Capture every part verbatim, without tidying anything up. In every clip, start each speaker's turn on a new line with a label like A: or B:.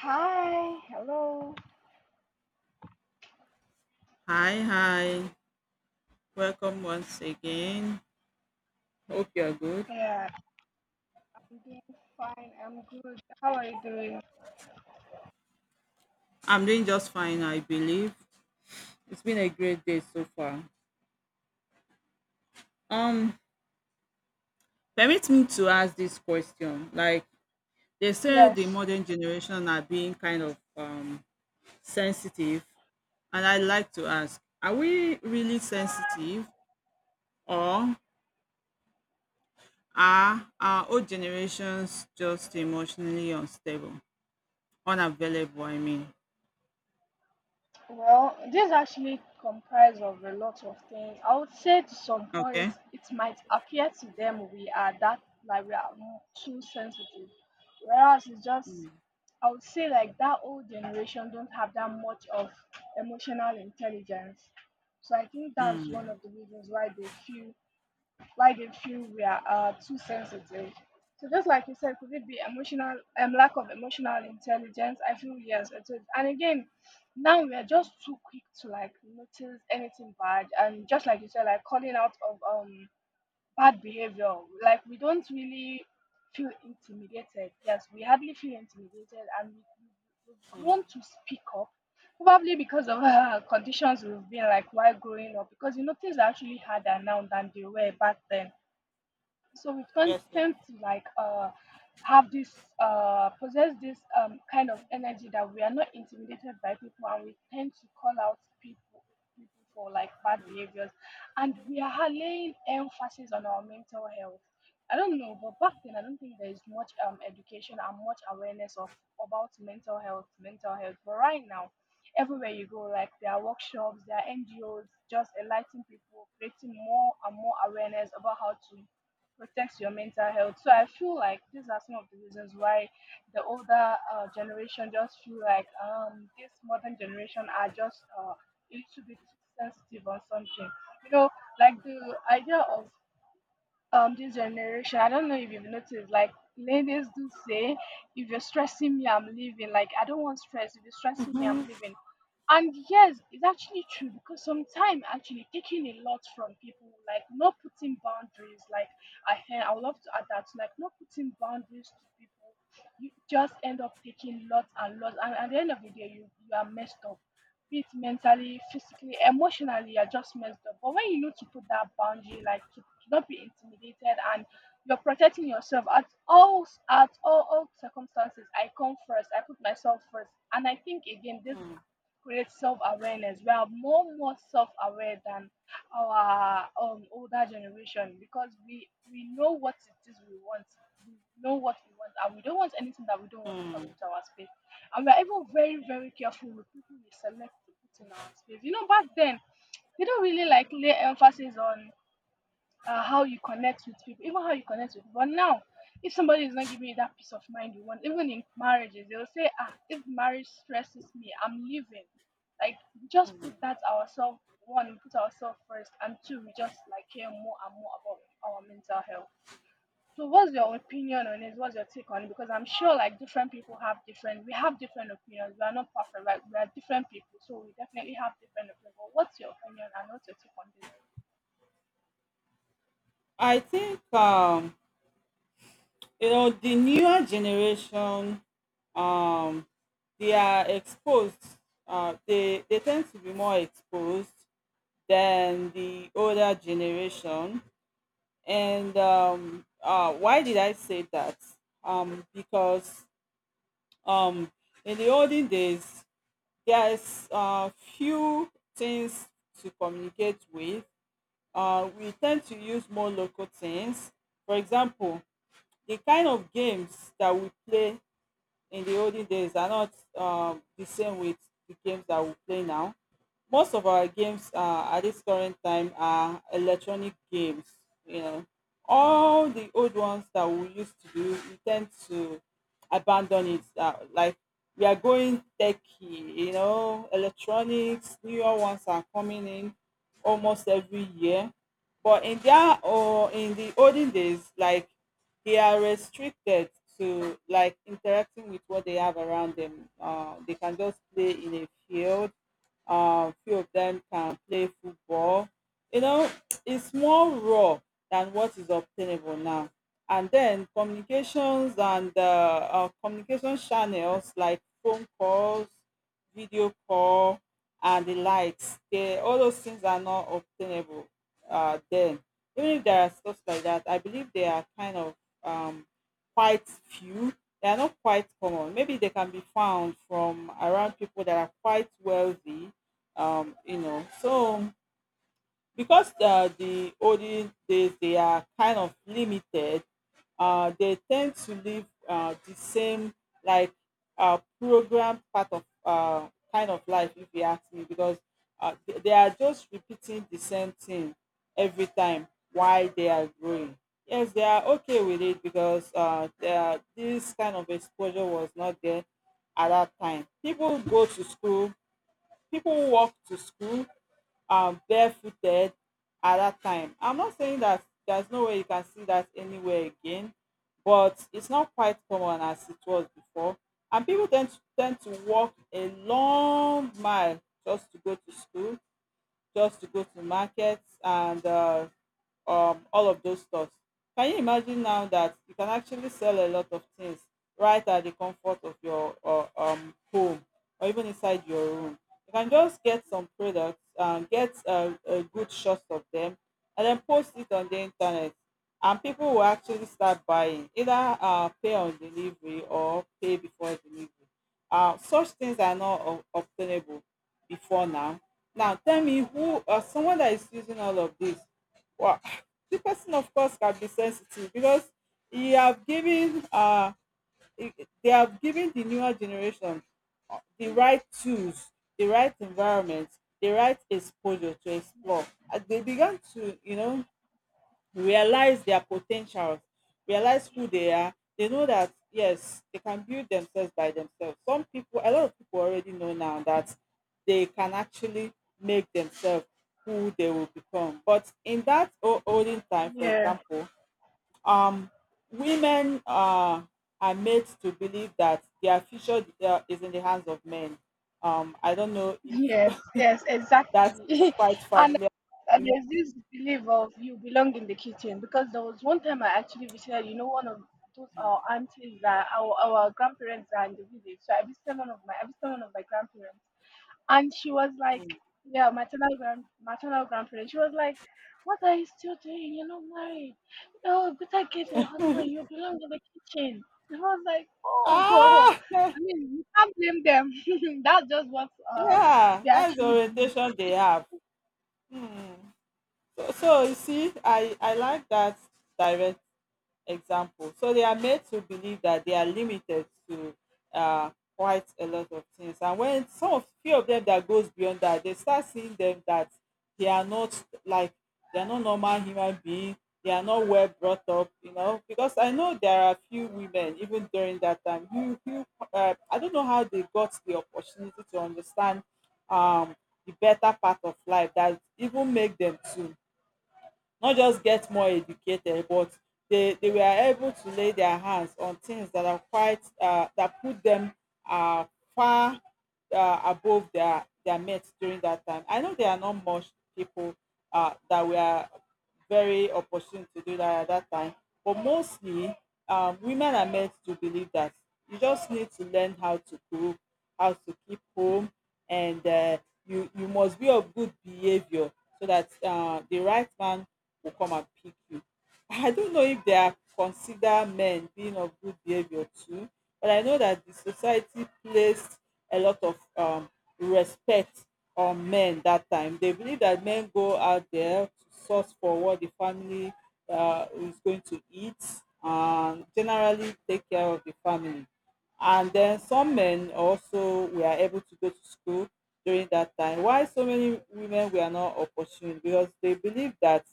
A: Hi, hello.
B: Hi, hi. Welcome once again. Hope you're good.
A: Yeah, I'm doing fine. I'm good. How are you doing?
B: I'm doing just fine, I believe. It's been a great day so far. Um, Permit me to ask this question. Like they say the
A: Yes.
B: modern generation are being kind of um sensitive, and I'd like to ask, are we really sensitive or are our old generations just emotionally unstable? Unavailable, I mean.
A: Well, this actually comprised of a lot of things. I would say to some point,
B: Okay.
A: it might appear to them we are that like we are more too sensitive, whereas it's just I would say like that old generation don't have that much of emotional intelligence. So I think that's one of the reasons why they feel why they feel we are uh, too sensitive. So just like you said, could it be emotional um, lack of emotional intelligence? I feel yes, it is. And again, now we are just too quick to like notice anything bad, and just like you said, like calling out of um bad behavior. Like we don't really feel intimidated. Yes, we hardly feel intimidated, and we, we- have grown to speak up. Probably because of uh, conditions we've been like while growing up, because you know things are actually harder now than they were back then, so we tend,
B: Yes.
A: tend to like uh have this uh possess this um kind of energy that we are not intimidated by people, and we tend to call out people people for like bad behaviors. And we are laying emphasis on our mental health. I don't know, but back then I don't think there is much um education and much awareness of about mental health mental health but right now everywhere you go, like there are workshops, there are NGOs just enlightening people, creating more and more awareness about how to protects your mental health. So I feel like these are some of the reasons why the older uh, generation just feel like um this modern generation are just uh, a little bit too sensitive on something. You know, like the idea of um this generation, I don't know if you've noticed, like ladies do say, if you're stressing me I'm leaving, like I don't want stress, if you're stressing me I'm leaving. And yes, it's actually true, because sometimes actually taking a lot from people, like not putting boundaries, like i hear I would love to add that, like not putting boundaries to people, you just end up taking lots and lots, and at the end of the day you, you are messed up, be it mentally, physically, emotionally, you're just messed up. But when you know to put that boundary, like to, to not be intimidated, and you're protecting yourself at all at all, all circumstances. I come first, I put myself first. And I think again this creates self awareness. We are more more self aware than our um older generation, because we we know what it is we want. We know what we want, and we don't want anything that we don't want to come into our space, and we're even very very careful with people we select to put in our space. You know, back then they don't really like lay emphasis on uh, how you connect with people, even how you connect with people. But now, if somebody is not giving you that peace of mind you want, even in marriages, they'll say, ah, if marriage stresses me, I'm leaving. Like just put that ourselves, one, we put ourselves first, and two, we just like care more and more about our mental health. So what's your opinion on it? What's your take on it? Because I'm sure like different people have different we have different opinions. We are not perfect, right? We are different people, so we definitely have different opinions. But what's your opinion and what's your take on this?
B: I think um, you know, the newer generation, um, they are exposed. Uh, they they tend to be more exposed than the older generation. And um, uh, why did I say that? Um, because um, in the olden days, there's uh, few things to communicate with. Uh, we tend to use more local things. For example, the kind of games that we play in the olden days are not um, the same with the games that we play now. Most of our games uh, at this current time are electronic games. You know, all the old ones that we used to do, we tend to abandon it. Uh, like, we are going techie, you know, electronics. Newer ones are coming in almost every year. But in their, or in the olden days, like, they are restricted to like interacting with what they have around them. Uh, they can just play in a field. Uh, few of them can play football. You know, it's more raw than what is obtainable now. And then communications and uh, uh, communication channels like phone calls, video call, and the likes. They, all those things are not obtainable uh, then. Even if there are stuff like that, I believe they are kind of um, quite few. They are not quite common. Maybe they can be found from around people that are quite wealthy, um, you know. So because uh, the olden days they are kind of limited, uh, they tend to live uh, the same, like, uh, program part of uh, kind of life, if you ask me, because uh, they they are just repeating the same thing every time while they are growing. Yes, they are okay with it, because uh, they are, this kind of exposure was not there. At that time, people go to school, people walk to school, um, barefooted at that time. I'm not saying that there's no way you can see that anywhere again, but it's not quite common as it was before. And people tend to, tend to walk a long mile just to go to school, just to go to markets and uh, um, all of those stuff. Can you imagine now that you can actually sell a lot of things right at the comfort of your uh, um, home or even inside your room? You can just get some products, um, get a, a good shot of them, and then post it on the internet. And people will actually start buying, either uh, pay on delivery or pay before delivery. Uh, such things are not ob- obtainable before now. Now tell me who uh, someone that is using all of this. Well, the person of course can be sensitive because he have given uh he- they have given the newer generation the right tools, the right environment, the right exposure to explore. As they began to, you know, realize their potentials, realize who they are. They know that yes, they can build themselves by themselves. Some people, a lot of people already know now that they can actually make themselves who they will become. But in that o- olden time, for
A: Yeah,
B: example, um, women uh, are made to believe that their future uh, is in the hands of men. Um, I don't know
A: yes,
B: if
A: yes,
B: that is
A: exactly.
B: quite
A: And
B: familiar to
A: uh,
B: you.
A: there's this belief of you belong in the kitchen, because there was one time I actually visited, you know, one of those our aunties that our, our grandparents are in the village. So I visited one of my I visited one of my grandparents, and she was like, yeah, maternal grand maternal grandparent. She was like, what are you still doing? You're not married. No, better get a husband. You belong in the kitchen. And I was like, oh,
B: Ah!
A: I mean, you can't blame them. That's just what uh
B: Yeah,
A: they
B: that's the
A: actually do.
B: orientation they have. Hmm. So, so you see, I I like that direct example. So they are made to believe that they are limited to uh, quite a lot of things. And when some of, few of them that goes beyond that, they start seeing them that they are not like, they are not normal human being. They are not well brought up, you know. Because I know there are few women even during that time who who uh, I don't know how they got the opportunity to understand um the better part of life that even make them to not just get more educated, but they, they were able to lay their hands on things that are quite uh, that put them uh, far uh, above their their mates during that time. I know there are not much people uh, that were very opportune to do that at that time, but mostly um, women are meant to believe that you just need to learn how to cook, how to keep home, and uh, you you must be of good behavior so that uh, the right man will come and pick you. I don't know if they are consider men being of good behavior too, but I know that the society placed a lot of um, respect on men that time. They believe that men go out there to source for what the family uh, is going to eat and generally take care of the family. And then some men also were able to go to school during that time. Why so many women were not opportune? Because they believe that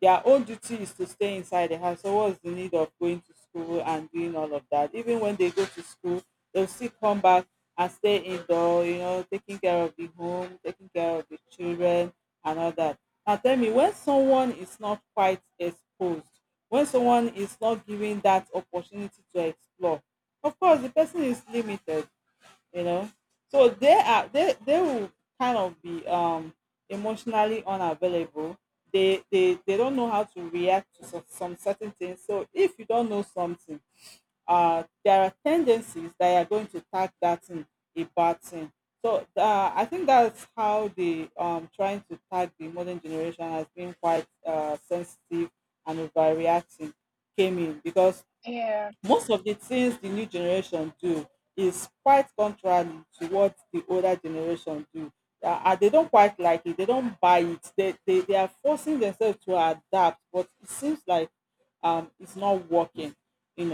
B: their own duty is to stay inside the house. So what's the need of going to school and doing all of that? Even when they go to school, they'll still come back and stay indoor, you know, taking care of the home, taking care of the children and all that. Now tell me, when someone is not quite exposed, when someone is not given that opportunity to explore, of course the person is limited, you know. So they are, they they will kind of be um emotionally unavailable. They they they don't know how to react to some, some certain things. So if you don't know something, uh there are tendencies that are going to tag that in a bad thing. So uh, I think that's how the um trying to tag the modern generation has been quite uh sensitive and overreacting came in because
A: Yeah.
B: most of the things the new generation do is quite contrary to what the older generation do. Uh, and they don't quite like it. They don't buy it. They, they, they are forcing themselves to adapt, but it seems like um, it's not working. You know.